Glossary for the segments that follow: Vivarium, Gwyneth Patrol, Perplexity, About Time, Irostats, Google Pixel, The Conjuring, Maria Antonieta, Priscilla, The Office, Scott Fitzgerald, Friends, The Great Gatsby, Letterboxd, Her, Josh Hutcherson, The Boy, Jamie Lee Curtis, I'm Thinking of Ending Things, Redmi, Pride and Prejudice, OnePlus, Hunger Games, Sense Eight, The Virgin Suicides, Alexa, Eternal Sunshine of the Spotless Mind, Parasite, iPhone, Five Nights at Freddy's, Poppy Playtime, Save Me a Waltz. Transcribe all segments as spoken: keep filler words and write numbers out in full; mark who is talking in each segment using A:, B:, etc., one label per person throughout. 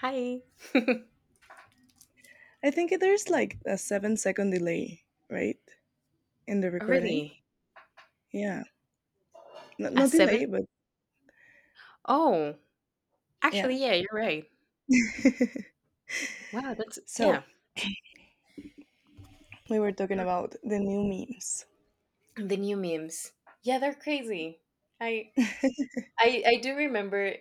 A: Hi.
B: I think there's like a seven second delay, right? In the
A: Oh,
B: recording.
A: really?
B: Yeah. No, no
A: At
B: delay,
A: seven?
B: but
A: Oh,
B: yeah.
A: actually, yeah, you're right. Wow, that's
B: So
A: yeah.
B: we were talking about the new memes.
A: The new memes. Yeah, they're crazy. I I I do remember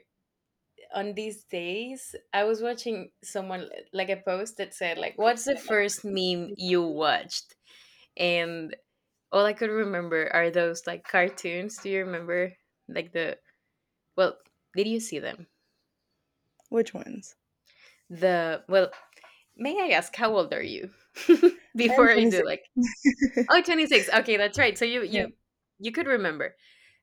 A: on these days I was watching someone like a post that said like what's the first meme you watched? And all I could remember are those like cartoons. Do you remember like the well, did you see them?
B: Which ones?
A: The well, may I ask how old are you?
B: I'm
A: Before I do
B: twenty-six.
A: like. Oh, twenty six. Okay, that's right. So you
B: yeah.
A: you you could remember.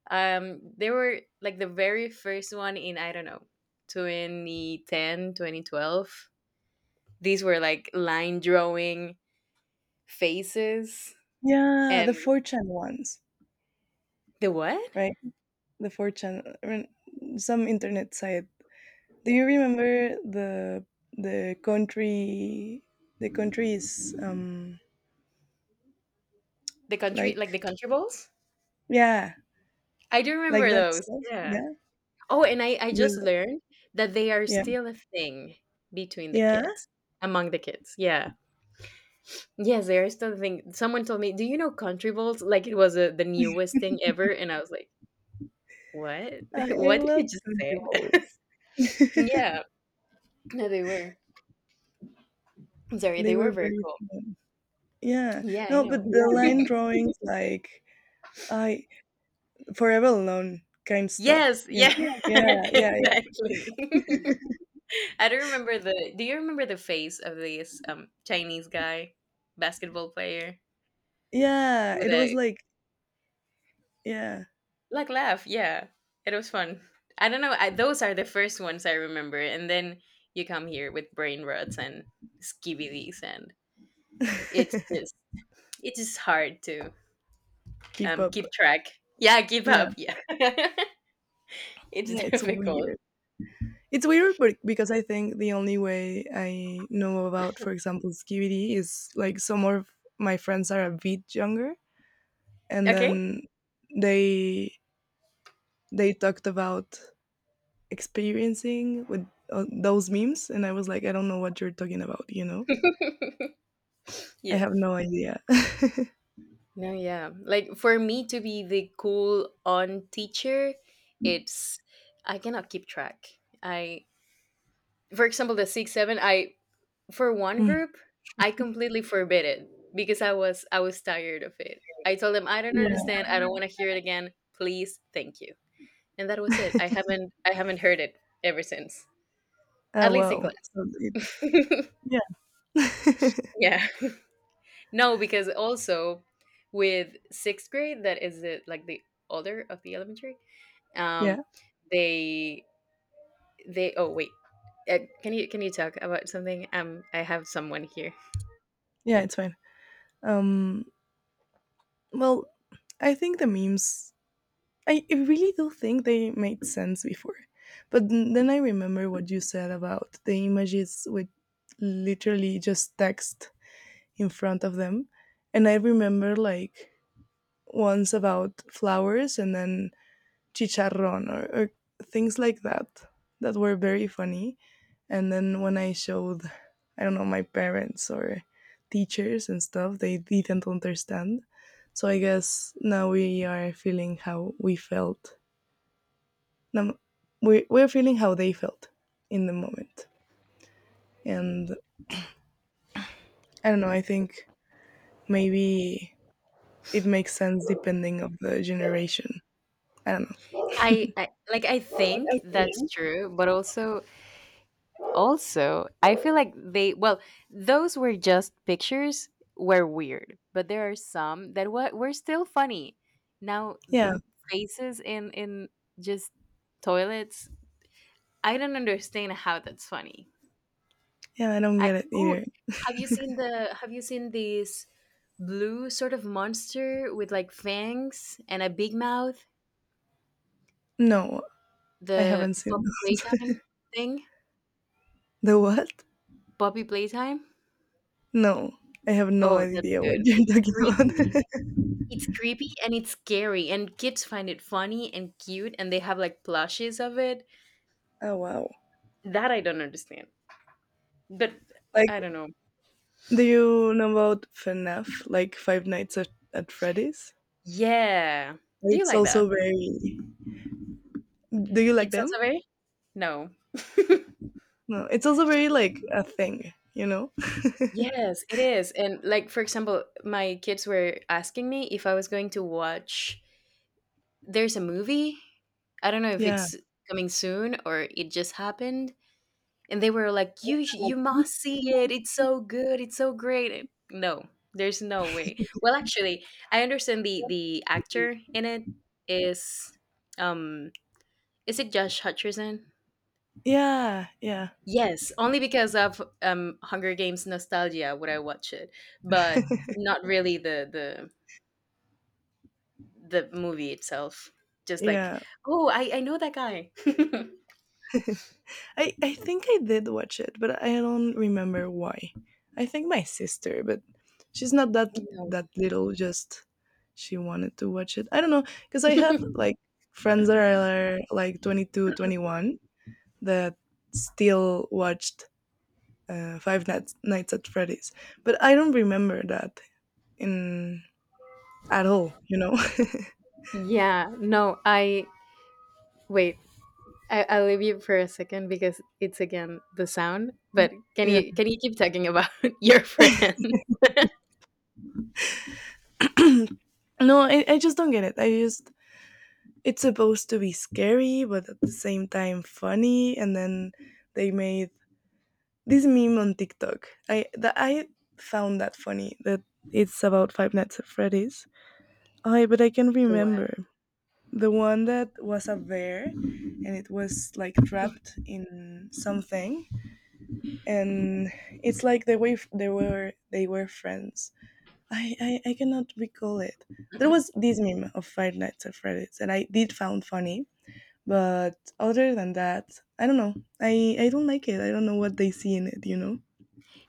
A: Um they were like the very first one in I don't know, twenty ten, twenty twelve. These were like line drawing faces
B: Yeah. The
A: and
B: four chan ones,
A: the what?
B: right? The four chan, I mean, some internet site. Do you remember the the country? The country is um
A: The country like
B: like,
A: the country balls?
B: yeah,
A: I do
B: like
A: remember
B: that
A: those.
B: stuff.
A: Yeah.
B: Yeah.
A: Oh, and I I just
B: The,
A: learned that they are
B: yeah.
A: still a thing between the
B: Yeah.
A: kids. Among the kids. Yeah. Yes, they are still a thing. Someone told me, "Do you know country balls?" Like it was a, the newest thing ever and I was like, what?
B: I I
A: What did he
B: loved
A: just say?
B: country walls.
A: Yeah. No, they were. I'm sorry,
B: They
A: they
B: were
A: were very
B: very
A: cool.
B: fun. Yeah.
A: Yeah, I
B: No, but
A: know.
B: the, yeah, line drawings, like, I Forever Alone kind stuff,
A: Yes,
B: you know?
A: yeah.
B: Yes, yeah, yeah, yeah.
A: Exactly. I don't remember the, do you remember the face of this um Chinese guy, basketball player
B: Yeah,
A: with
B: it was
A: a
B: like, yeah.
A: like laugh, yeah. It was fun. I don't know, I, those are the first ones I remember, and then you come here with brain rots and skibbies and it's just it's just hard to
B: Keep
A: um
B: up.
A: keep track. Yeah, give
B: Yeah.
A: up. Yeah. It's
B: Yeah, it's
A: difficult.
B: weird. It's weird, but because I think the only way I know about, for example, Skibidi is like some of my friends are a bit younger, and
A: Okay?
B: then they they talked about experiencing with uh, those memes, and I was like, I don't know what you're talking about. you know I
A: Yeah.
B: have no idea.
A: No, yeah. Like for me to be the cool on teacher, it's, I cannot keep track. I, for example, the six seven, I for one
B: Mm.
A: group, I completely forbid it because I was I was tired of it. I told them I don't
B: Yeah.
A: understand. I don't want to hear it again. Please, thank you. And that was it. I haven't I haven't heard it ever since.
B: Oh,
A: At least in
B: wow, so it,
A: class.
B: yeah.
A: Yeah. No, because also with sixth grade, that is the, like the older of the elementary. Um,
B: Yeah,
A: they they oh wait, uh, can you can you talk about something? Um, I have someone here.
B: yeah, it's fine. um well, I think the memes, I, I really do think they made sense before, but n- then I remember what you said about the images with literally just text in front of them, and I remember like once about flowers and then chicharron, or, or things like that that were very funny. And then when I showed, I don't know, my parents or teachers and stuff, they didn't understand. So I guess now we are feeling how we felt. Now we we're feeling how they felt in the moment. And I don't know, I think maybe it makes sense depending of the generation. I don't know.
A: I, I like I think that's true, but also also I feel like they, well, those were just pictures, were weird, but there are some that were were still funny. Now
B: Yeah,
A: the faces in in just toilets, I don't understand how that's funny.
B: yeah, I don't
A: I
B: get it
A: oh,
B: either.
A: have you seen the have you seen this blue sort of monster with like fangs and a big mouth?
B: No, I
A: The
B: haven't seen
A: Poppy Playtime
B: those.
A: thing?
B: The what?
A: Poppy Playtime?
B: No, I have no
A: Oh, that's
B: idea what
A: good.
B: you're
A: It's
B: talking
A: creepy.
B: about.
A: It's creepy and it's scary and kids find it funny and cute and they have like plushes of it.
B: Oh, wow!
A: That I don't understand. But
B: Like,
A: I don't know.
B: do you know about FNAF? Like Five Nights at, at Freddy's?
A: Yeah. Do you
B: It's
A: like that?
B: also very. Do you like
A: It's
B: them?
A: also very no.
B: No, it's also very like a thing. You know?
A: Yes, it is. And like for example, my kids were asking me if I was going to watch. There's a movie. I don't know if
B: Yeah,
A: it's coming soon or it just happened. And they were like, "You sh- you must see it. It's so good. It's so great." And no, there's no way. Well, actually, I understand the the actor in it is, um is it Josh Hutcherson?
B: yeah, yeah,
A: Yes, only because of um Hunger Games nostalgia would I watch it, but not really the the the movie itself. Just like,
B: yeah.
A: oh, I I know that guy.
B: I, I think I did watch it, but I don't remember why. I think my sister, but she's not that that
A: No.
B: little. Just she wanted to watch it. I don't know because I have like friends that are like twenty two, twenty one that still watched uh, Five Nights, Nights at Freddy's, but I don't remember that in at all. You know.
A: Yeah, no, I wait. I, I'll leave you for a second because it's again the sound. But can
B: Yeah.
A: you can you keep talking about your friend?
B: No, I, I just don't get it. I just It's supposed to be scary, but at the same time funny, and then they made this meme on TikTok, I that I found that funny, that it's about Five Nights at Freddy's. I But I can
A: What?
B: remember the one that was a bear and it was like trapped in something, and it's like the way f- they were they were friends. I, I I cannot recall it. There was this meme of Five Nights at Freddy's, and I did found funny. But other than that, I don't know. I I don't like it. I don't know what they see in it. You know.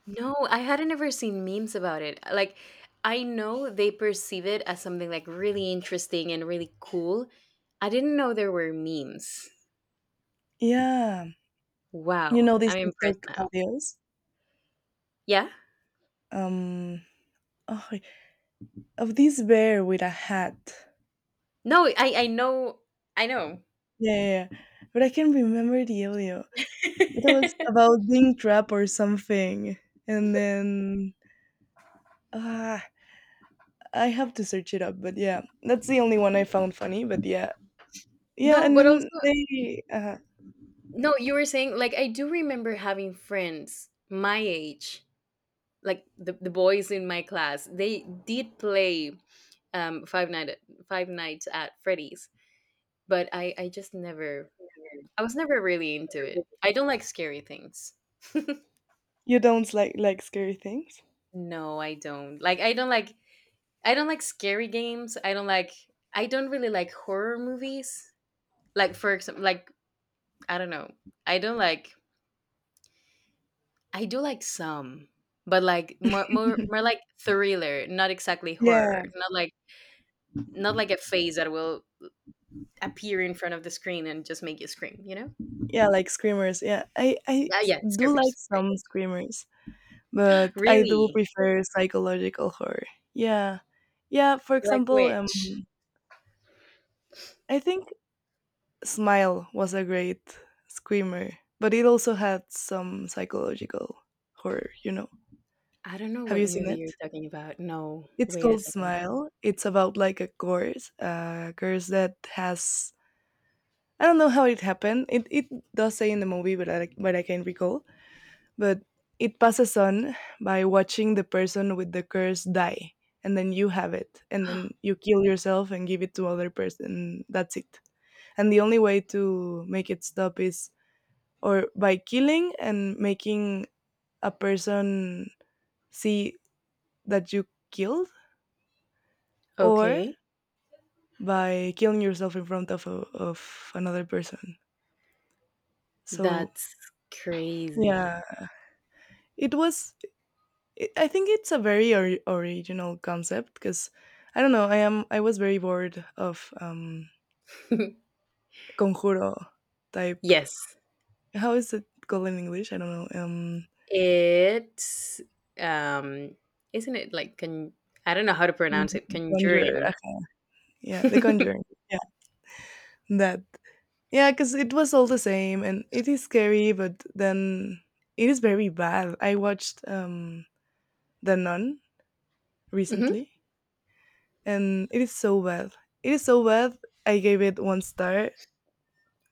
A: No, I hadn't ever seen memes about it. Like, I know they perceive it as something like really interesting and really cool. I didn't know there were memes.
B: Yeah. You
A: Wow,
B: know these
A: I'm impressed
B: TikTok
A: now.
B: audios?
A: Yeah?
B: Um, oh, wait, of this bear with a hat.
A: No, I I know I know.
B: Yeah, yeah, yeah. But I can remember the audio. It was about being trapped or something. And then ah, I have to search it up. But yeah, that's the only one I found funny. But yeah, yeah.
A: No,
B: And
A: but also
B: then they, uh,
A: no, you were saying like I do remember having friends my age, like the, the boys in my class. They did play um Five Night Five Nights at Freddy's, but I I just never, I was never really into it. I don't like scary things.
B: you don't like like scary things.
A: No, I don't. Like, I don't like, I don't like scary games. I don't like, I don't really like horror movies. Like for example, like I don't know. I don't like, I do like some, but like more, more, more like thriller, not exactly
B: Yeah,
A: horror. Not like not like a face that will appear in front of the screen and just make you scream, you know?
B: yeah, like screamers. Yeah, I I
A: Yeah, yeah,
B: do like
A: screamers. Right.
B: some screamers. But I do
A: Really?
B: prefer psychological horror. Yeah. Yeah, for
A: Like
B: example, um
A: which?
B: I think Smile was a great screamer, but it also had some psychological horror, you know.
A: I don't know
B: Have
A: what
B: you seen
A: movie
B: it?
A: you're talking about. No,
B: It's
A: wait a
B: called
A: second.
B: Smile. It's about like a curse, a curse that has I don't know how it happened. It it does say in the movie, but I but I can recall. But it passes on by watching the person with the curse die, and then you have it, and then you kill yourself and give it to other person. That's it. And the only way to make it stop is or by killing and making a person see that you killed, or
A: Okay,
B: by killing yourself in front of, a, of another person. So
A: that's crazy.
B: yeah, it was it, I think it's a very ori- original concept because I don't know. I am I was very bored of um conjuro type.
A: Yes,
B: How is it called in English? I don't know. Um,
A: it's, um, isn't it like con? I don't know how to pronounce it.
B: the conjure.
A: Conjuring.
B: Yeah, the conjuring. Yeah, that. Yeah, because it was all the same, and it is scary, but then it is very bad. I watched um the Nun
A: Hmm.
B: recently, and it is so bad. It is so bad. I gave it one star,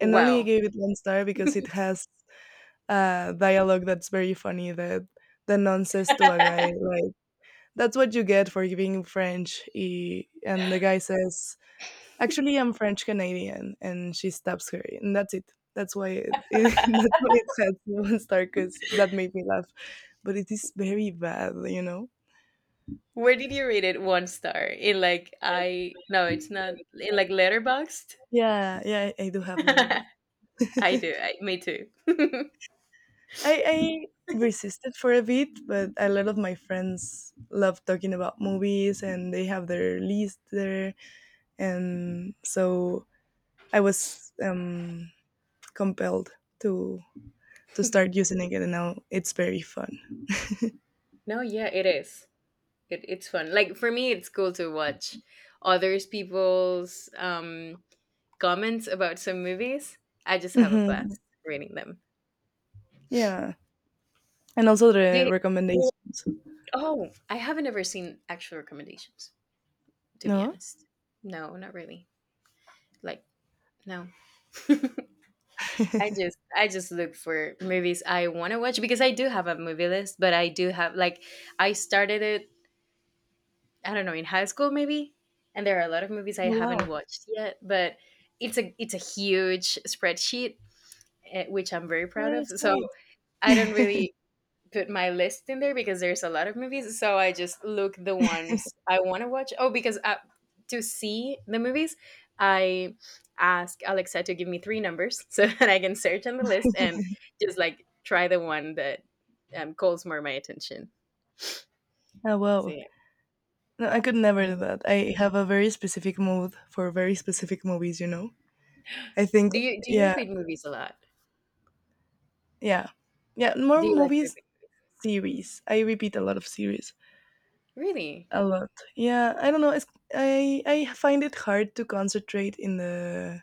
B: and only I
A: Wow.
B: gave it one star because it has uh, dialogue that's very funny, that the nun says to a guy, like, that's what you get for being French. eh, And the guy says, actually, I'm French Canadian. And she stabs her. And that's it. That's why it, it That's why it has one star, because that made me laugh. But it is very bad, you know?
A: Where did you rate it? One star in like, I no, it's not in like Letterboxd.
B: Yeah, yeah, I, I do have Letterboxd.
A: I do. I, me too.
B: I, I resisted for a bit, but a lot of my friends love talking about movies and they have their list there, and so I was um, compelled to to start using it, and now it's very fun.
A: No, yeah, it is. It, it's fun. Like for me, it's cool to watch others people's um comments about some movies, I just have a
B: Hmm.
A: blast reading them.
B: Yeah, and also the
A: They,
B: recommendations.
A: oh, I haven't ever seen actual recommendations, to be
B: No.
A: honest. No, not really. Like, no. I just I just look for movies I want to watch because I do have a movie list, but I do have like I started it, I don't know, in high school maybe, and there are a lot of movies I
B: Oh,
A: haven't
B: wow,
A: watched yet, but it's a it's a huge spreadsheet, eh, which I'm very
B: oh,
A: proud of.
B: that's
A: So, I don't
B: great.
A: really put my list in there because there's a lot of movies. So I just look the ones I want to watch. Oh, because uh to see the movies, I ask Alexa to give me three numbers so that I can search on the list and just like try the one that um, calls more my attention.
B: Oh
A: So
B: wow,
A: yeah.
B: no, I could never do
A: No.
B: that. I have a very specific mood for very specific movies. You know, I think,
A: Do you do you
B: yeah,
A: repeat movies a lot?
B: yeah, yeah. More
A: Do you like to
B: movies,
A: repeat?
B: series. I repeat a lot of series.
A: Really?
B: A lot. Yeah, I don't know. It's, I I find it hard to concentrate in the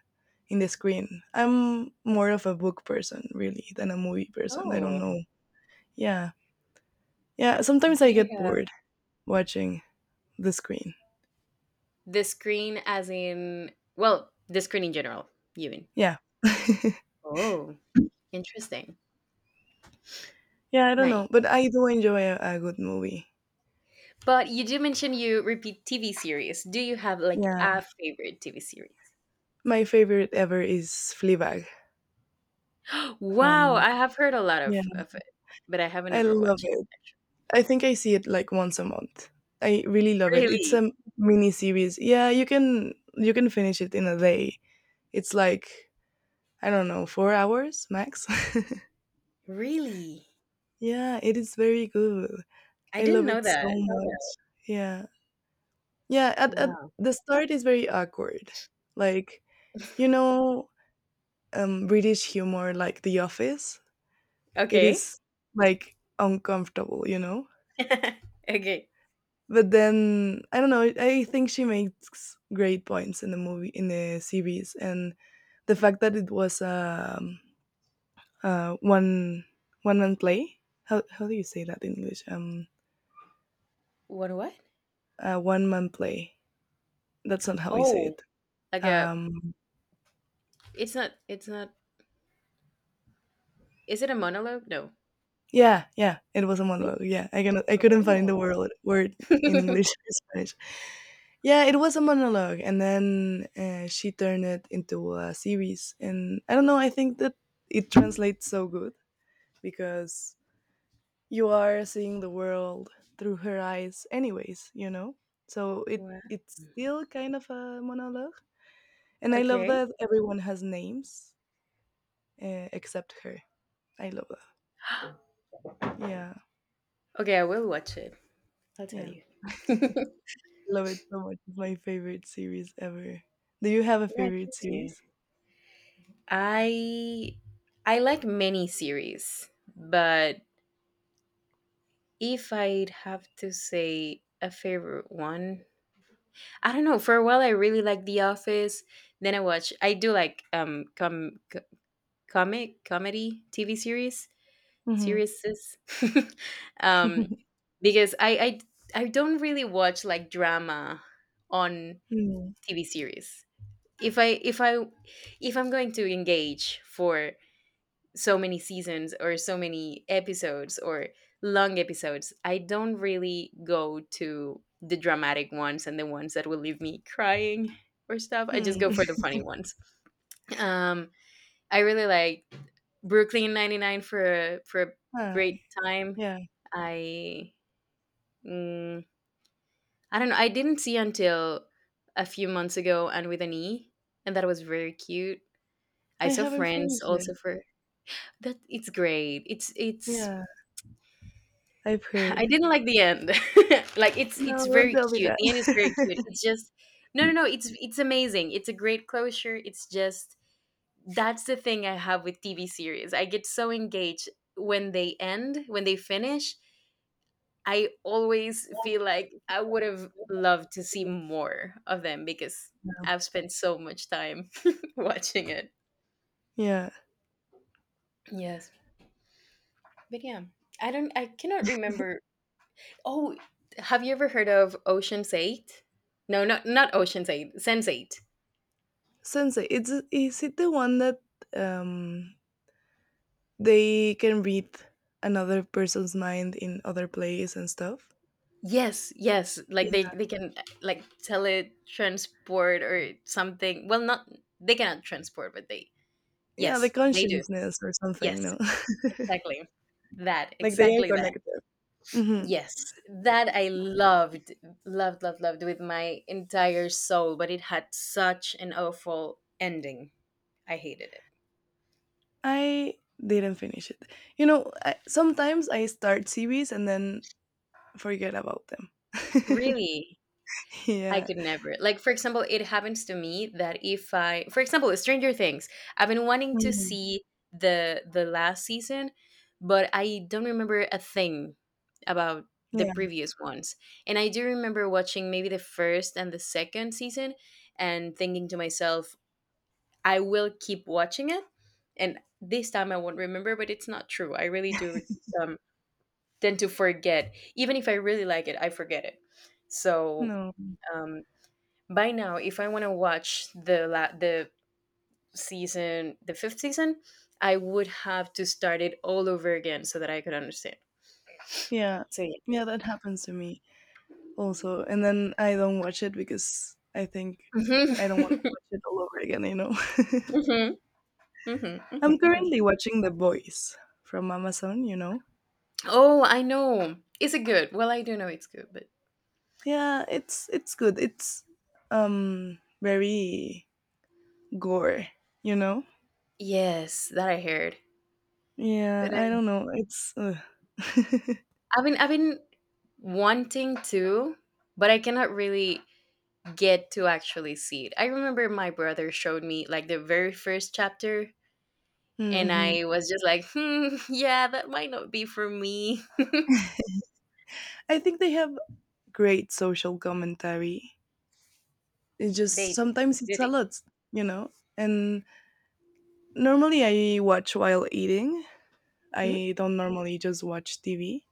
B: in the screen. I'm more of a book person really than a movie person. I don't
A: Oh,
B: know. Yeah. Yeah,
A: do
B: sometimes I
A: you
B: get
A: have
B: bored watching the screen.
A: the screen as in, well, the screen in general, you mean?
B: Yeah.
A: Oh, interesting.
B: Yeah, I don't
A: Nice.
B: know, but I do enjoy a, a good movie.
A: But you do mention you repeat T V series. Do you have like
B: Yeah.
A: a favorite T V series?
B: My favorite ever is Fleabag
A: Wow,
B: from
A: I have heard a lot
B: Yeah,
A: of, of it, but I haven't
B: I
A: ever
B: love
A: watched it.
B: it. I think I see it like once a month. I really love it. It's
A: Really?
B: a mini series. Yeah, you can you can finish it in a day. It's like, I don't know, four hours max.
A: Really?
B: Yeah, it is very good.
A: I
B: I
A: didn't
B: love
A: know
B: it
A: that.
B: so much. Yeah. Yeah, at at
A: Wow.
B: the start is very awkward. Like, you know, um British humor like The Office, it
A: Okay.
B: is like uncomfortable, you know?
A: Okay.
B: But then I don't know. I think she makes great points in the movie, in the series, and the fact that it was a um, uh, one one man play. How how do you say that in English? Um,
A: What what?
B: uh, one man play. That's not how we say
A: Oh,
B: it.
A: like a,
B: Um,
A: it's not, it's not is it a monologue? No.
B: yeah, yeah, it was a
A: Really?
B: monologue. Yeah, I can I couldn't find
A: Oh.
B: the word word in English or Spanish. Yeah, it was a monologue, and then uh, she turned it into a series. And I don't know. I think that it translates so good, because you are seeing the world through her eyes anyways, you know so it
A: Wow.
B: it's still kind of a monologue, and I love
A: Okay.
B: that everyone has names, uh, except her. I love that. Yeah,
A: Okay, I will watch it. I'll tell
B: yeah.
A: you.
B: Love it so much. It's my favorite series ever. Do you have a
A: Yeah. I
B: favorite
A: trust you.
B: series?
A: I I like many series, but if I'd have to say a favorite one, I don't know. For a while, I really liked The Office. Then I watch. I do like um com co- comic comedy T V series
B: Hmm.
A: series um because I I I don't really watch like drama on
B: Hmm.
A: T V series. If I if I if I'm going to engage for so many seasons or so many episodes or long episodes. I don't really go to the dramatic ones and the ones that will leave me crying or stuff. I just
B: Hmm.
A: go for the funny ones. Um, I really like Brooklyn ninety-nine for a, for a
B: Huh.
A: great time.
B: Yeah,
A: I mm, I don't know. I didn't see until a few months ago, and with an E, and that was very cute. I
B: I
A: saw
B: haven't
A: Friends
B: finished it.
A: also for that, it's great. It's it's
B: Yeah, I've
A: I
B: heard.
A: didn't like the end. Like it's
B: No,
A: it's
B: don't
A: very
B: tell me
A: cute.
B: that.
A: The end is very cute. It's just no, no, no. It's it's amazing. It's a great closure. It's just that's the thing I have with T V series. I get so engaged when they end, when they finish. I always feel like I would have loved to see more of them because
B: No.
A: I've spent so much time watching it.
B: Yeah,
A: Yes, but yeah, I don't. I cannot remember. Oh, have you ever heard of Ocean's Eight? No, not not Ocean's Eight. Sense Eight.
B: sensei. It's Is it the one that um they can read another person's mind in other plays and stuff?
A: Yes, yes.
B: Yeah,
A: Like they they can, uh, like teletransport or something. Well, not they cannot transport, but they,
B: yeah, the
A: yes they do.
B: consciousness or
A: Yes,
B: something. No.
A: exactly that,
B: Like, they are
A: exactly that.
B: connected. Hmm.
A: Yes, that I loved, loved, loved, loved with my entire soul. But it had such an awful ending. I hated it.
B: I didn't finish it. You know, I, sometimes I start series and then forget about them.
A: Really? I
B: Yeah.
A: could never. Like, for example, it happens to me that if I, for example, Stranger Things, I've been wanting to
B: Mhm.
A: see the the last season, but I don't remember a thing about the
B: Yeah.
A: previous ones. And I do remember watching maybe the first and the second season and thinking to myself, I will keep watching it. And this time I won't remember, but it's not true. I really do, um, tend to forget. Even if I really like it, I forget it. So,
B: No.
A: um, by now if I want to watch the la- the season the fifth season I would have to start it all over again so that I could understand.
B: Yeah.
A: So yeah.
B: Yeah, that happens to me, also, and then I don't watch it because I think
A: Mhm.
B: I don't want to watch it all over again, you know.
A: Mhm. Mhm.
B: I'm
A: Mhm. Mhm.
B: currently watching The Boys from Amazon, you know.
A: Oh, I know. Is it good? Well, I do know it's good, but
B: Yeah, it's it's good. It's um very gore, you know.
A: yes, that I heard.
B: Yeah,
A: But
B: I
A: i'm
B: don't know. It's uh.
A: i've been i've been wanting to, but I cannot really get to actually see it. I remember my brother showed me like the very first chapter. And
B: Hmm.
A: I was just like, hmm, yeah, that might not be for me.
B: I think they have great social commentary. It's just
A: They do.
B: sometimes it's a lot, you know. And normally I watch while eating,
A: Do
B: I don't normally just watch T V.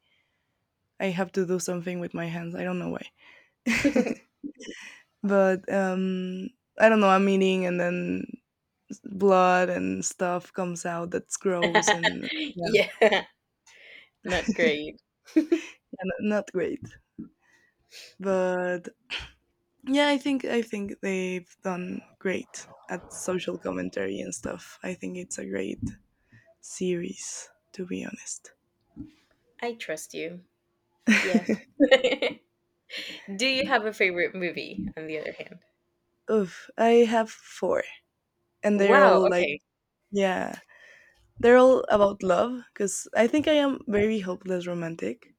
B: I have to do something with my hands. I don't know why.
A: they? Hmm?
B: But um I don't know, I'm eating and then s- blood and stuff comes out, that's gross, and yeah,
A: Yeah, not great.
B: and not great. But yeah, I think I think they've done great at social commentary and stuff. I think it's a great series, to be honest.
A: I trust you. Yeah. Do you have a favorite movie, on the other hand?
B: Oof, I have four and they're
A: Wow,
B: all like,
A: okay.
B: yeah, they're all about love because I think I am very hopeless romantic,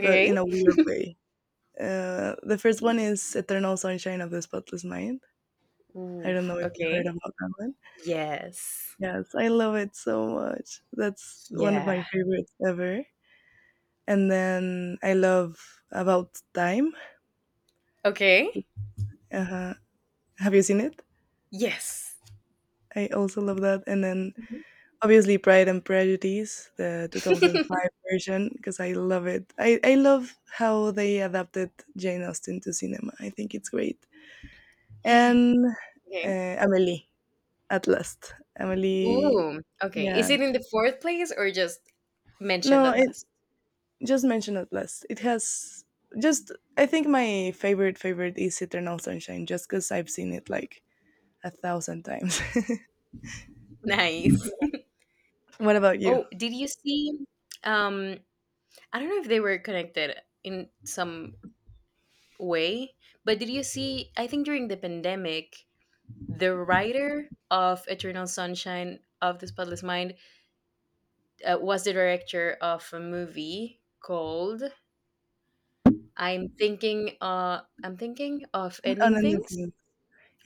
B: but in a weird way. Uh, the first one is Eternal Sunshine of the Spotless Mind. I don't
A: Oof,
B: know if you heard
A: okay.
B: about that one.
A: Yes.
B: Yes, I love it so much. That's one of my
A: Yeah.
B: favorites ever. And then I love About Time.
A: Okay.
B: uh Have you seen it?
A: Yes.
B: I also love that. And then
A: Mhm.
B: obviously, Pride and Prejudice, the two thousand five version, because I love it. I, I love how they adapted Jane Austen to cinema. I think it's great. And
A: Okay.
B: uh, Amelie, At Last. Amelie,
A: Ooh, okay.
B: yeah.
A: Is it in the fourth place or just mentioned
B: No,
A: at
B: it,
A: last?
B: just mention At Last. It has just, I think my favorite favorite is Eternal Sunshine, just because I've seen it like a thousand times.
A: Nice.
B: What about you?
A: Oh, did you see? Um, I don't know if they were connected in some way, but did you see? I think during the pandemic, the writer of Eternal Sunshine of the Spotless Mind uh, was the director of a movie called "I'm Thinking." Uh, I'm thinking of
B: On
A: ending things
B: anything.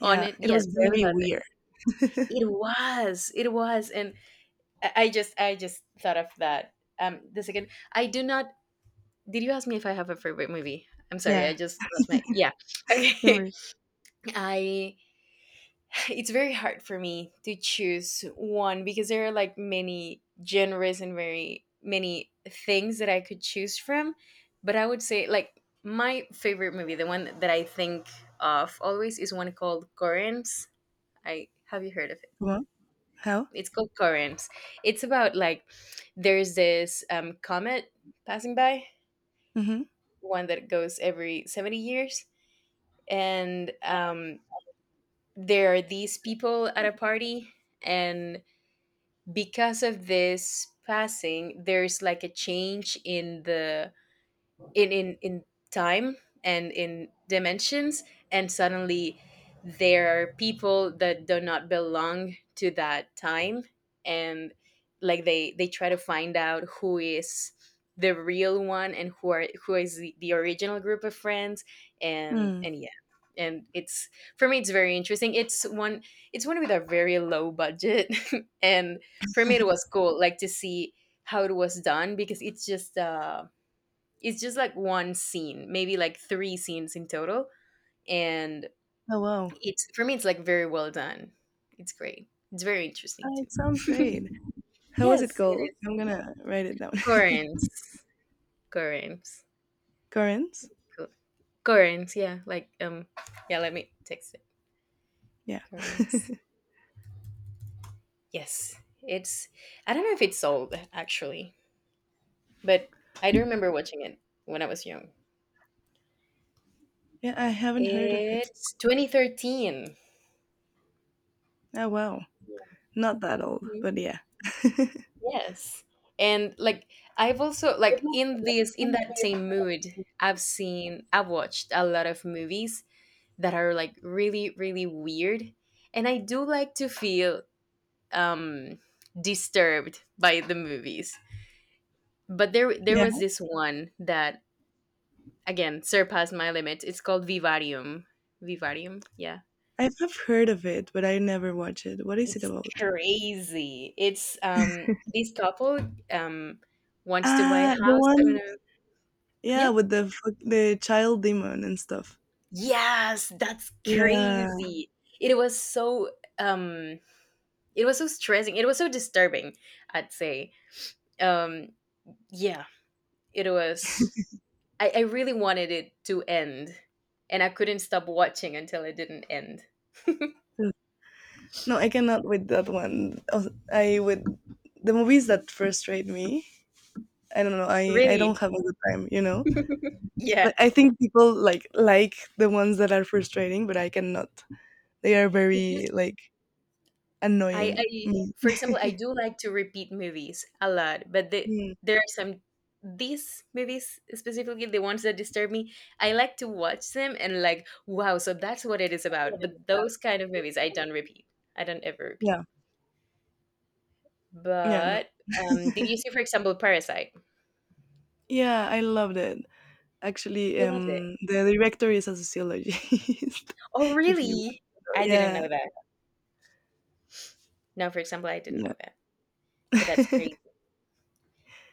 A: on it.
B: it
A: Yeah,
B: was
A: something
B: very
A: about it.
B: weird.
A: It was. It was, and I I just, I just thought of that. Um, the second, I do not Did you ask me if I have a favorite movie? I'm sorry, I
B: Yeah,
A: just lost my, yeah.
B: they
A: Okay.
B: were,
A: I It's very hard for me to choose one because there are like many genres and very many things that I could choose from, but I would say like my favorite movie, the one that I think of always, is one called Currents. I Have you heard of it?
B: come on, how?
A: It's called Currents. It's about like there's this um, comet passing by,
B: Mhm.
A: one that goes every seventy years, and um, there are these people at a party, and because of this passing there's like a change in the in in in time and in dimensions, and suddenly there are people that do not belong to that time, and like they they try to find out who is the real one, and who are who is the, the original group of friends, and
B: Hmm.
A: and yeah. And it's for me, it's very interesting. It's one it's one with a very low budget, and for me it was cool, like, to see how it was done, because it's just uh it's just like one scene, maybe like three scenes in total. And
B: Oh, wow.
A: it's for me, it's like very well done. It's great. It's very
B: Uh,
A: interesting
B: it sounds
A: too.
B: great. How was it
A: Yes, it
B: called?
A: is.
B: I'm gonna write it down.
A: Corinth. Corinth.
B: Currents?
A: Co- Corinth, yeah. Like, um yeah, let me text it.
B: Yeah.
A: Corinth. Yes. It's I don't know if it's sold, actually, but I do remember watching it when I was young.
B: Yeah, I haven't heard of it.
A: It's twenty thirteen.
B: Oh, wow.
A: Yeah.
B: Not that old, but yeah.
A: Yes. And like I've also like in this in that same mood, I've seen I've watched a lot of movies that are like really really weird, and I do like to feel um disturbed by the movies. But there there
B: Yeah,
A: was this one that again surpassed my limit. It's called Vivarium. Vivarium, yeah.
B: I have heard of it, but I never watch it. What is it
A: It's
B: about?
A: crazy. It's um this couple um wants to buy a
B: Ah, the
A: house. I don't
B: one,
A: know.
B: yeah, with the fuck- the child demon and stuff.
A: Yes, that's
B: Yeah.
A: crazy. It was so um it was so stressing. It was so disturbing, I'd say. Um yeah, it was I, I really wanted it to end, and I couldn't stop watching until it didn't end.
B: No, I cannot with that one. Oh, I with the movies that frustrate me. I don't know. I I don't
A: Really?
B: have a good time, you know.
A: Yeah.
B: Like, I think people like like the ones that are frustrating, but I cannot. They are
A: It's
B: very
A: just
B: like
A: I,
B: annoying
A: I
B: me.
A: for example, I do like to repeat movies a lot, but the,
B: Mm,
A: there are some, these movies specifically, the ones that disturb me. I like to watch them and like, wow, so that's what it is about. But those kind of movies I don't repeat. I don't ever repeat.
B: yeah, yeah, no,
A: But um, did you see, for example, Parasite?
B: yeah, I loved it. Actually,
A: You loved it.
B: um, the director is a sociologist.
A: Oh,
B: If you want,
A: really? I
B: to.
A: didn't
B: Yeah,
A: know that. No, for example, I didn't
B: yeah.
A: know that. But that's crazy.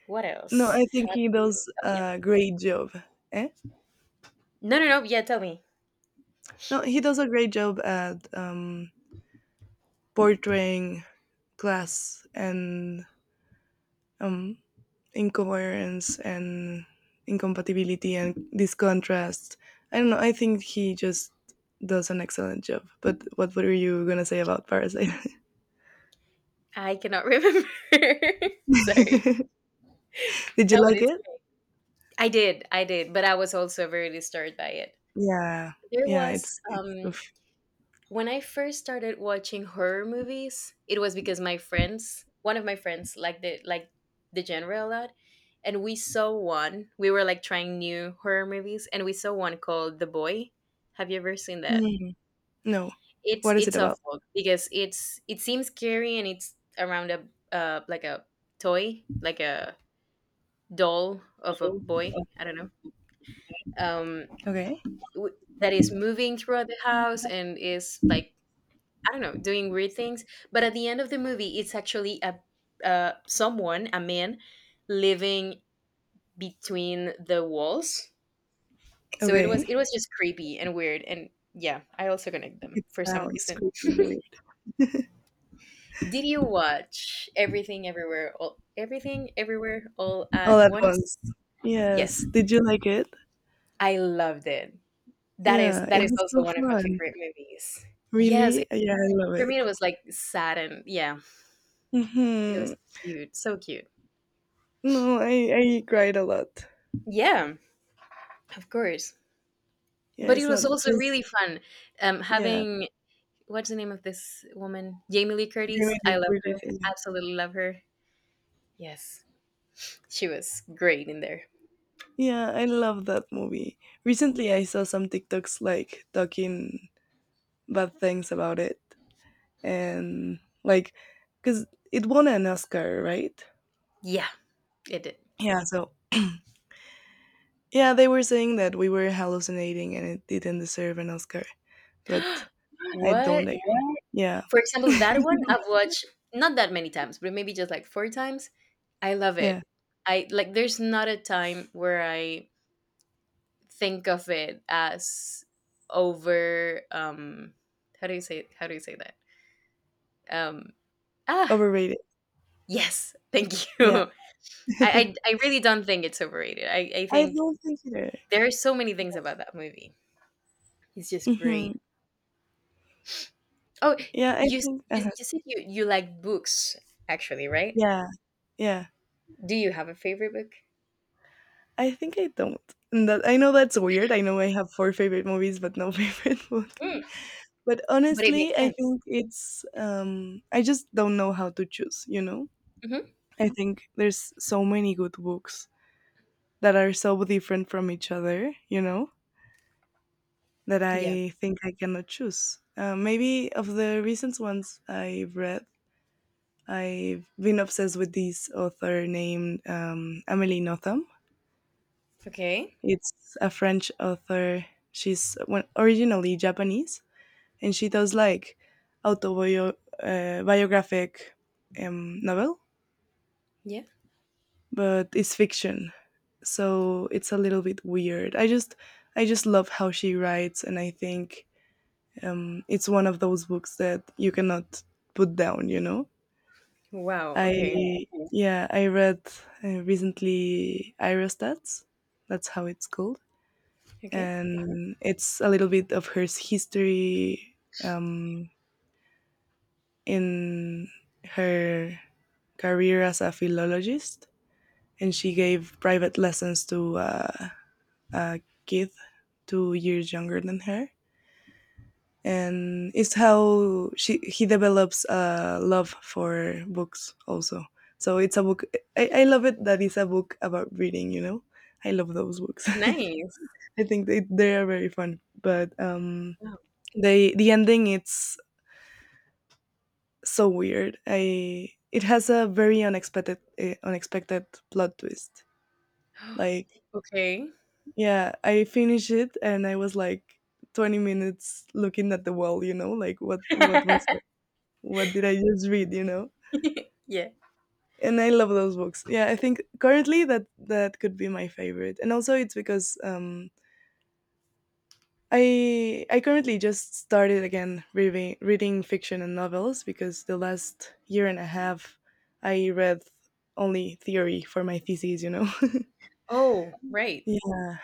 A: What
B: No,
A: else
B: I think
A: have
B: he
A: you?
B: does
A: Oh yeah.
B: a great job. Eh?
A: No, no, no. Yeah, tell me.
B: No, he does a great job at um portraying class and um, incoherence and incompatibility and this contrast. I don't know. I think he just does an excellent job. But what were you gonna say about Parasite?
A: I cannot remember. Sorry.
B: Did you
A: No, but
B: like
A: it's
B: it?
A: great. I did, I did, but I was also very disturbed by it.
B: Yeah,
A: There
B: yeah.
A: was
B: It's it's
A: um
B: oof.
A: When I first started watching horror movies, it was because my friends, one of my friends liked the like the genre a lot, and we saw one. We were like trying new horror movies and we saw one called The Boy. Have you ever seen that?
B: Mm, no.
A: It's
B: What is it
A: it's
B: about?
A: awful, because it's it seems scary, and it's around a uh like a toy, like a doll of a boy, I don't know. Um
B: Okay,
A: w- that is moving throughout the house and is like, I don't know, doing weird things. But at the end of the movie, it's actually a uh, someone, a man, living between the walls. So it was
B: okay.
A: it was just creepy and weird, and yeah, I also connect them
B: It
A: for some
B: sounds
A: reason.
B: creepy and weird
A: Did you watch Everything Everywhere All Everything Everywhere All
B: all
A: at
B: at once.
A: Once? Yes,
B: Yes. Did you like it?
A: I loved it. That is
B: Yeah,
A: that
B: it
A: is
B: was
A: also
B: so
A: one of my
B: fun.
A: favorite movies. Yes, it,
B: Really? Yeah, I love
A: for
B: it.
A: me it was like sad, and yeah, it
B: Hmm.
A: was cute, so cute.
B: No, I I cried a lot.
A: Yeah, of course.
B: Yeah,
A: But it
B: it's not
A: was also
B: just
A: really fun, um,
B: yeah.
A: having, what's the name of this woman? Jamie Lee Curtis.
B: Jamie
A: I
B: Lee
A: love
B: Curtis.
A: her.
B: Yeah,
A: Absolutely love her. Yes, she was great in there.
B: yeah, I love that movie. Recently, I saw some TikToks like talking bad things about it, and like, cause it won an Oscar, right?
A: Yeah, it did.
B: Yeah. So yeah, they were saying that we were hallucinating and it didn't deserve an Oscar, but I
A: What?
B: don't agree. Yeah.
A: For example, that one I've watched not that many times, but maybe just like four times. I love
B: Yeah.
A: it. I like. There's not a time where I think of it as over, um how do you say, how do you say that, um ah
B: Overrated.
A: yes, thank you.
B: Yeah.
A: I, I i really don't think it's overrated. I i
B: I
A: think
B: don't think either.
A: there are so many things about that movie, it's just great.
B: Hmm.
A: Oh,
B: Yeah, I
A: you
B: think.
A: you,
B: uh
A: you said you you like books, actually, right?
B: Yeah. Yeah.
A: Do you have a favorite book?
B: I think I don't. And that I know that's weird. I know I have four favorite movies, but no favorite book.
A: Mm,
B: But
A: but it
B: honestly,
A: makes
B: I
A: sense.
B: think it's um, I just don't know how to choose. You know,
A: Hmm.
B: I think there's so many good books that are so different from each other. You know, that
A: Yeah.
B: I think I cannot choose. Uh, maybe of the recent ones I've read, I've been obsessed with this author named um, Amélie Nothomb.
A: Okay.
B: It's a French author. She's one- originally Japanese, and she does like autobiographic um, novel,
A: Yeah.
B: but it's fiction, so it's a little bit weird. I just I just love how she writes, and I think um, it's one of those books that you cannot put down. You know,
A: Wow, okay.
B: I yeah I read uh, recently Irostats, that's how it's called,
A: Okay.
B: and it's a little bit of her history. Um, in her career as a philologist, and she gave private lessons to uh, a kid two years younger than her. And it's how she he develops a love for books also. So it's a book. I, I love it that it's a book about reading. You know, I love those books.
A: Nice.
B: I think they they are very fun. But um,
A: Wow.
B: they the ending it's so weird. I it has a very unexpected uh, unexpected plot twist. Like
A: Okay.
B: yeah, I finished it and I was like twenty minutes looking at the wall, you know, like what what was what did I just read, you know?
A: Yeah.
B: And I love those books. Yeah, I think currently that that could be my favorite. And also it's because um I I currently just started again reading reading fiction and novels because the last year and a half I read only theory for my thesis, you know.
A: Oh, right.
B: Yeah,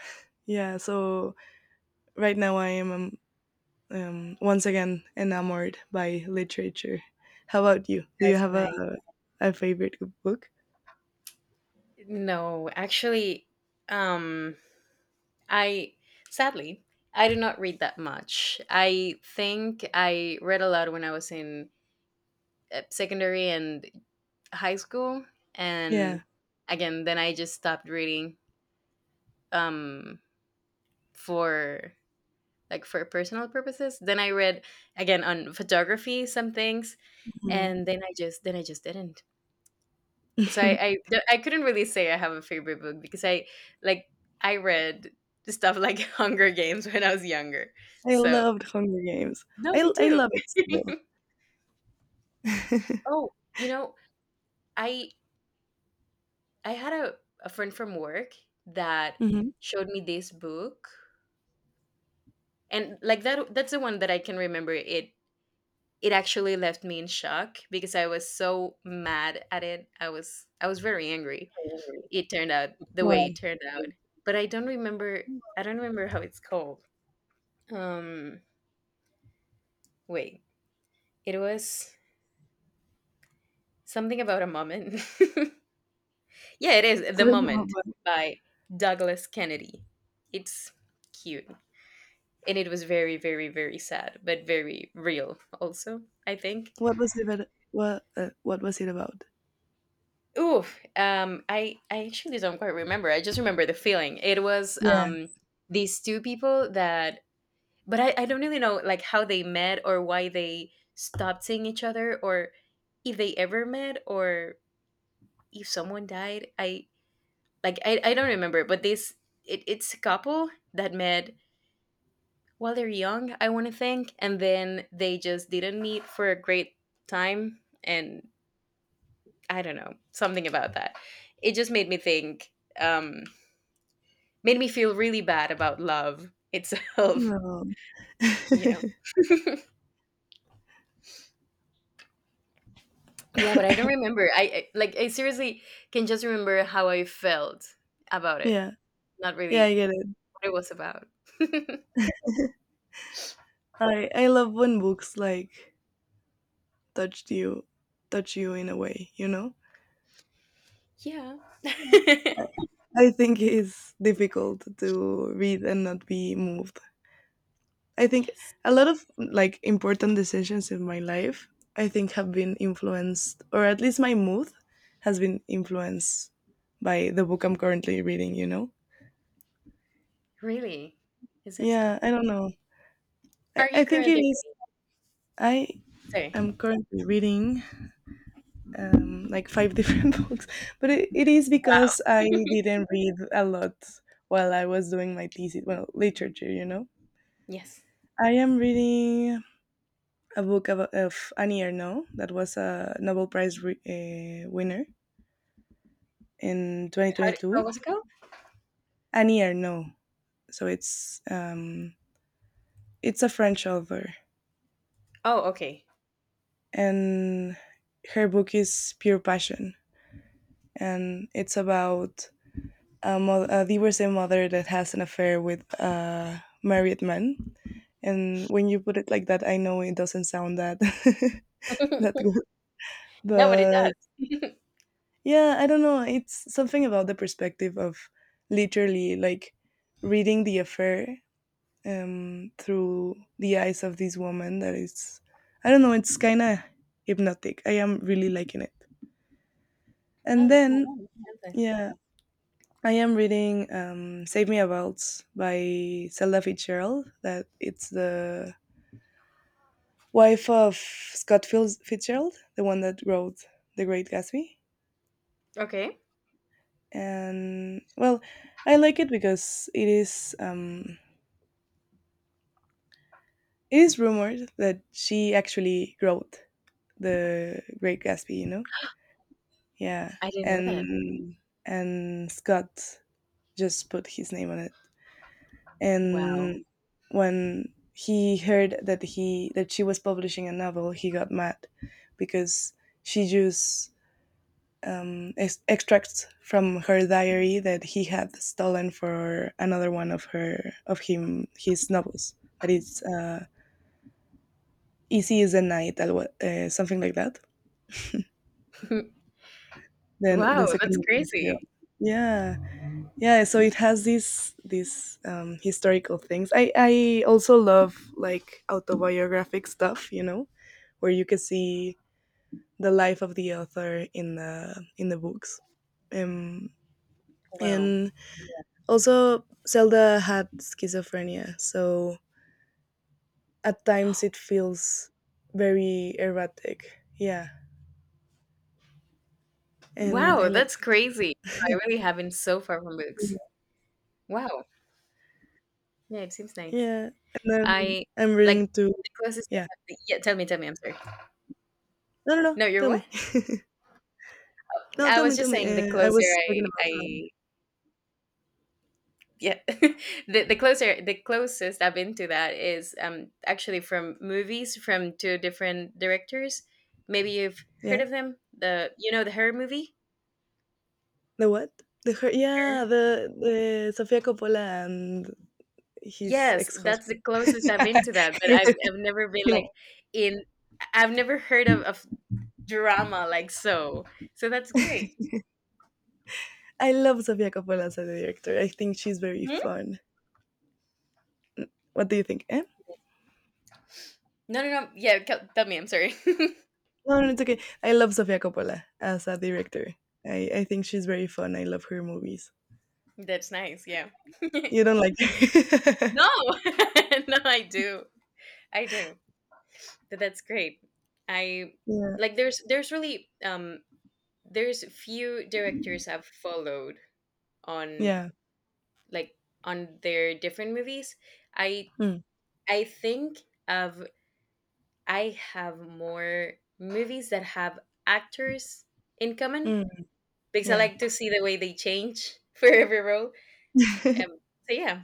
B: yeah. So right now I am um, um, once again enamored by literature. How about you? Do you
A: That's
B: have a
A: nice.
B: a favorite book?
A: No, actually, um, I sadly I do not read that much. I think I read a lot when I was in uh, secondary and high school,
B: Yeah.
A: and again, then I just stopped reading, um, for, like, for personal purposes. Then I read again on photography some things,
B: Mhm.
A: and then I just then I just didn't. So I, I I couldn't really say I have a favorite book, because I like I read stuff like Hunger Games when I was younger.
B: I
A: So
B: loved Hunger Games.
A: no,
B: I
A: me
B: I
A: too.
B: love it still.
A: Oh, you know, I I had a, a friend from work that
B: Hmm.
A: showed me this book. And like, that that's the one that I can remember. It it actually left me in shock because I was so mad at it. I was I was very angry. It turned out the way it
B: Why?
A: turned out. But I don't remember I don't remember how it's called. Um, Wait. It was something about a moment. Yeah, it is The
B: Thrilled.
A: Moment by Douglas Kennedy. It's cute. And it was very, very, very sad, but very real also, I think.
B: What was it about what, uh, what was it about?
A: Ooh, um, I, I actually don't quite remember. I just remember the feeling. It was,
B: Yeah.
A: um, these two people that, but I, I don't really know like how they met, or why they stopped seeing each other, or if they ever met, or if someone died. i like I, I don't remember, but this, it, it's a couple that met while they're young, I want to think, and then they just didn't meet for a great time, and I don't know, something about that. It just made me think, um, made me feel really bad about love itself.
B: No.
A: Yeah. Yeah, but I don't remember. I, I like I seriously can just remember how I felt about it,
B: Yeah.
A: not
B: Yeah, I
A: really
B: get it.
A: what it was about.
B: I I love when books, like, touched you touch you in a way, you know?
A: Yeah. Yes.
B: I think it's difficult to read and not be moved. I think a lot of, like, important decisions in my life, I think have been influenced or at least my mood has been influenced by the book I'm currently reading, you know?
A: Really? Is it so?
B: Yeah, I don't know. I
A: Are
B: I
A: you
B: think it
A: currently
B: is
A: reading?
B: I
A: Say,
B: I'm currently reading um, like five different books, but it, it is
A: wow.
B: because I didn't read a lot while I was doing my thesis, well, literature, you know.
A: Yes.
B: I am reading a book of, of Annie Ernaux that was a Nobel Prize re- uh, winner in
A: How, did how
B: twenty twenty-two.
A: was it go?
B: Annie Ernaux, so it's um, it's a French author,
A: Oh, okay.
B: and her book is Pure Passion, and it's about a, mo- a divorcee mother that has an affair with a married man. And when you put it like that, I know it doesn't sound that that good.
A: Nobody
B: But
A: does.
B: yeah, I don't know. It's something about the perspective of literally like reading the affair um, through the eyes of this woman. That is, I don't know. It's kind of hypnotic. I am really liking it. And
A: No, that's nice.
B: then
A: That's nice.
B: yeah, I am reading um, "Save Me a Waltz" by Zelda Fitzgerald. That it's the wife of Scott Fils- Fitzgerald, the one that wrote *The Great Gatsby*.
A: Okay.
B: And well, I like it because it is um, it is rumored that she actually wrote *The Great Gatsby*. You know, yeah,
A: I didn't know that.
B: and and Scott just put his name on it.
A: Wow.
B: And when he heard that he that she was publishing a novel, he got mad because she used um, ex- extracts from her diary that he had stolen for another one of her of him his novels. That is uh, easy as a night, that wa- uh, something like that. Then the
A: Wow, that's
B: second, one, yeah,
A: crazy.
B: yeah, yeah. So it has these these um, historical things. I I also love like autobiographic stuff, you know where you can see the life of the author in the in the books. Um,
A: Wow.
B: and also, Zelda had schizophrenia, so at times it feels very erratic. Yeah, and I
A: Wow,
B: like
A: that's
B: that.
A: crazy. I really haven't, so far, from books. Wow. Yeah, it seems nice.
B: Yeah, and then
A: I,
B: I'm
A: like,
B: reading to.
A: the closest I
B: Yeah,
A: have. Yeah, tell me, tell me. I'm sorry.
B: no, no, no.
A: No, you're
B: Tell
A: what?
B: me. No,
A: I
B: tell me,
A: was
B: tell
A: just
B: me.
A: saying, the
B: Uh, I
A: closer
B: was talking
A: I
B: about. Um,
A: I yeah. The, the closer the closest I've been to that is um actually from movies from two different directors, maybe you've heard
B: yeah,
A: of them. The You know, the Her movie.
B: the what? The her.
A: Her.
B: Yeah, the the Sofia Coppola and his
A: Yes, that's
B: ex-husband.
A: the closest I've been to that. But i've, I've never been
B: Yeah.
A: like in I've never heard of, of drama, like, so. So that's great.
B: I love Sofia Coppola as a director. I think she's very
A: Mhm.
B: fun. What do you think? Eh?
A: No, no, no. Yeah, tell tell me, I'm sorry.
B: No, no, it's okay. I love Sofia Coppola as a director. I, I think she's very fun. I love her movies.
A: That's nice, yeah. No.
B: You don't like her?
A: No, I do. I do. Th- That's great. I,
B: Yeah.
A: like, there's there's really, um there's few directors I've followed on
B: Yeah.
A: like on their different movies. I
B: Mm,
A: I think of I have more movies that have actors in common,
B: mm,
A: because I
B: yeah.
A: like to see the way they change for every role. Um so yeah.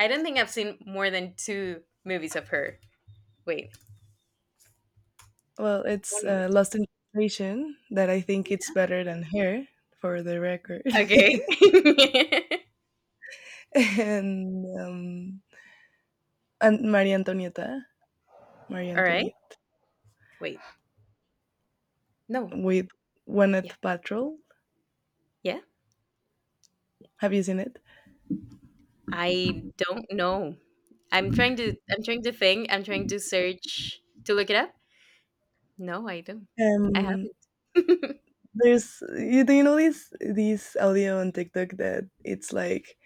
A: I don't think I've seen more than two movies of her. Wait,
B: Well, it's
A: one
B: uh,
A: moment.
B: Lost in Translation that I think it's better than her for the record.
A: Okay.
B: And um and Maria Antonieta, Maria
A: All right.
B: Antonieta
A: Wait. No.
B: with
A: Yeah.
B: Gwyneth Patrol.
A: Yeah.
B: Have you seen it?
A: I don't know. I'm trying to I'm trying to think. I'm trying to search, to look it up. No, I don't. I
B: Um.
A: haven't.
B: There's you do you know this this audio on TikTok that it's like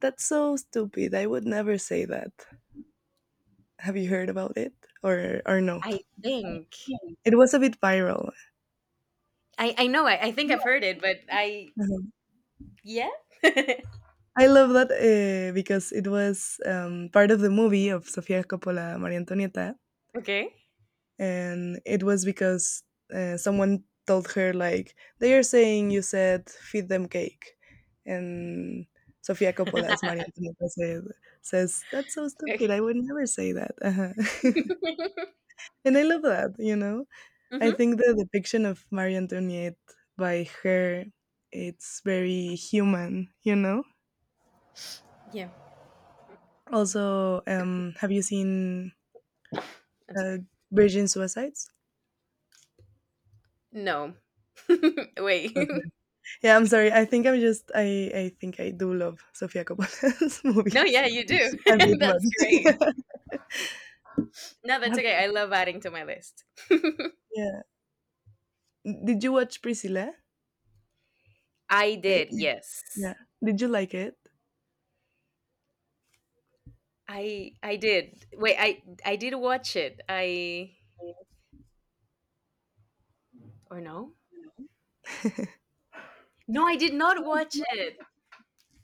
B: that's so stupid. I would never say that. Have you heard about it or or no?
A: I think.
B: Yeah. It was a bit viral.
A: I, I know. I, I think I've
B: Yeah.
A: heard it, but I
B: Uh-huh.
A: yeah.
B: I love that uh, because it was um, part of the movie of Sofia Coppola, Maria Antonieta,
A: Okay.
B: and it was because uh, someone told her like they are saying you said feed them cake and Sofia Coppola as Maria Antonietta said, says that's so
A: Okay.
B: stupid, I would never say that. Uh-huh. And I love that, you know. I
A: Hmm.
B: think the depiction of Maria Antoniette by her, it's very human, you know.
A: Yeah.
B: Also um have you seen
A: I'm
B: uh,
A: sorry.
B: Virgin Suicides?
A: No. Wait.
B: Yeah, I'm sorry. I think I'm just I I think I do love Sofia Coppola's
A: No,
B: movies
A: yeah, you do.
B: a bit
A: That's great.
B: much.
A: No, that's
B: Have-
A: okay. I love adding to my list.
B: yeah. Did you watch Priscilla?
A: I
B: Eh,
A: did,
B: it- Yeah.
A: yes.
B: Did you like it?
A: I I did. Wait, I I did watch it. I Or no? No, I did not watch it.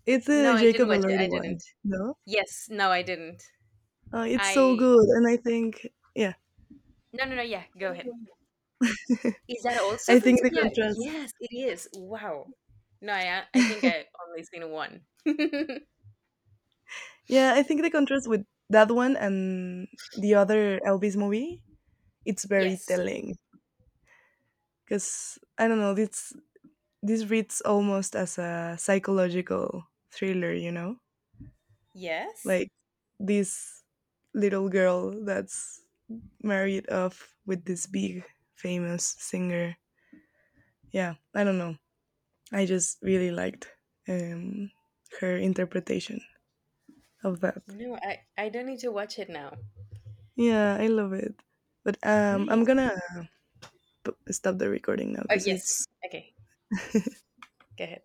B: It's
A: No,
B: a
A: I didn't
B: Jacob
A: watch it. I
B: Elordi one.
A: didn't.
B: No?
A: Yes, no, I didn't.
B: Oh, it's so
A: I
B: good, and I think yeah.
A: No, no, no. Yeah, go ahead. Is that also
B: I
A: from
B: think the
A: Sofia?
B: contrast.
A: Yes, it is. Wow. No, I uh, I think I only seen one.
B: Yeah, I think the contrast with that one and the other Elvis movie, it's very
A: Yes.
B: telling because I don't know. This this reads almost as a psychological thriller, you know.
A: Yes.
B: Like this little girl that's married off with this big famous singer. Yeah, I don't know. I just really liked um, her interpretation of that.
A: No, I I don't need to watch it now.
B: Yeah, I love it. But um, I'm
A: Nice.
B: gonna p- stop the recording now
A: Oh
B: because
A: yes.
B: it's
A: Okay. Go ahead.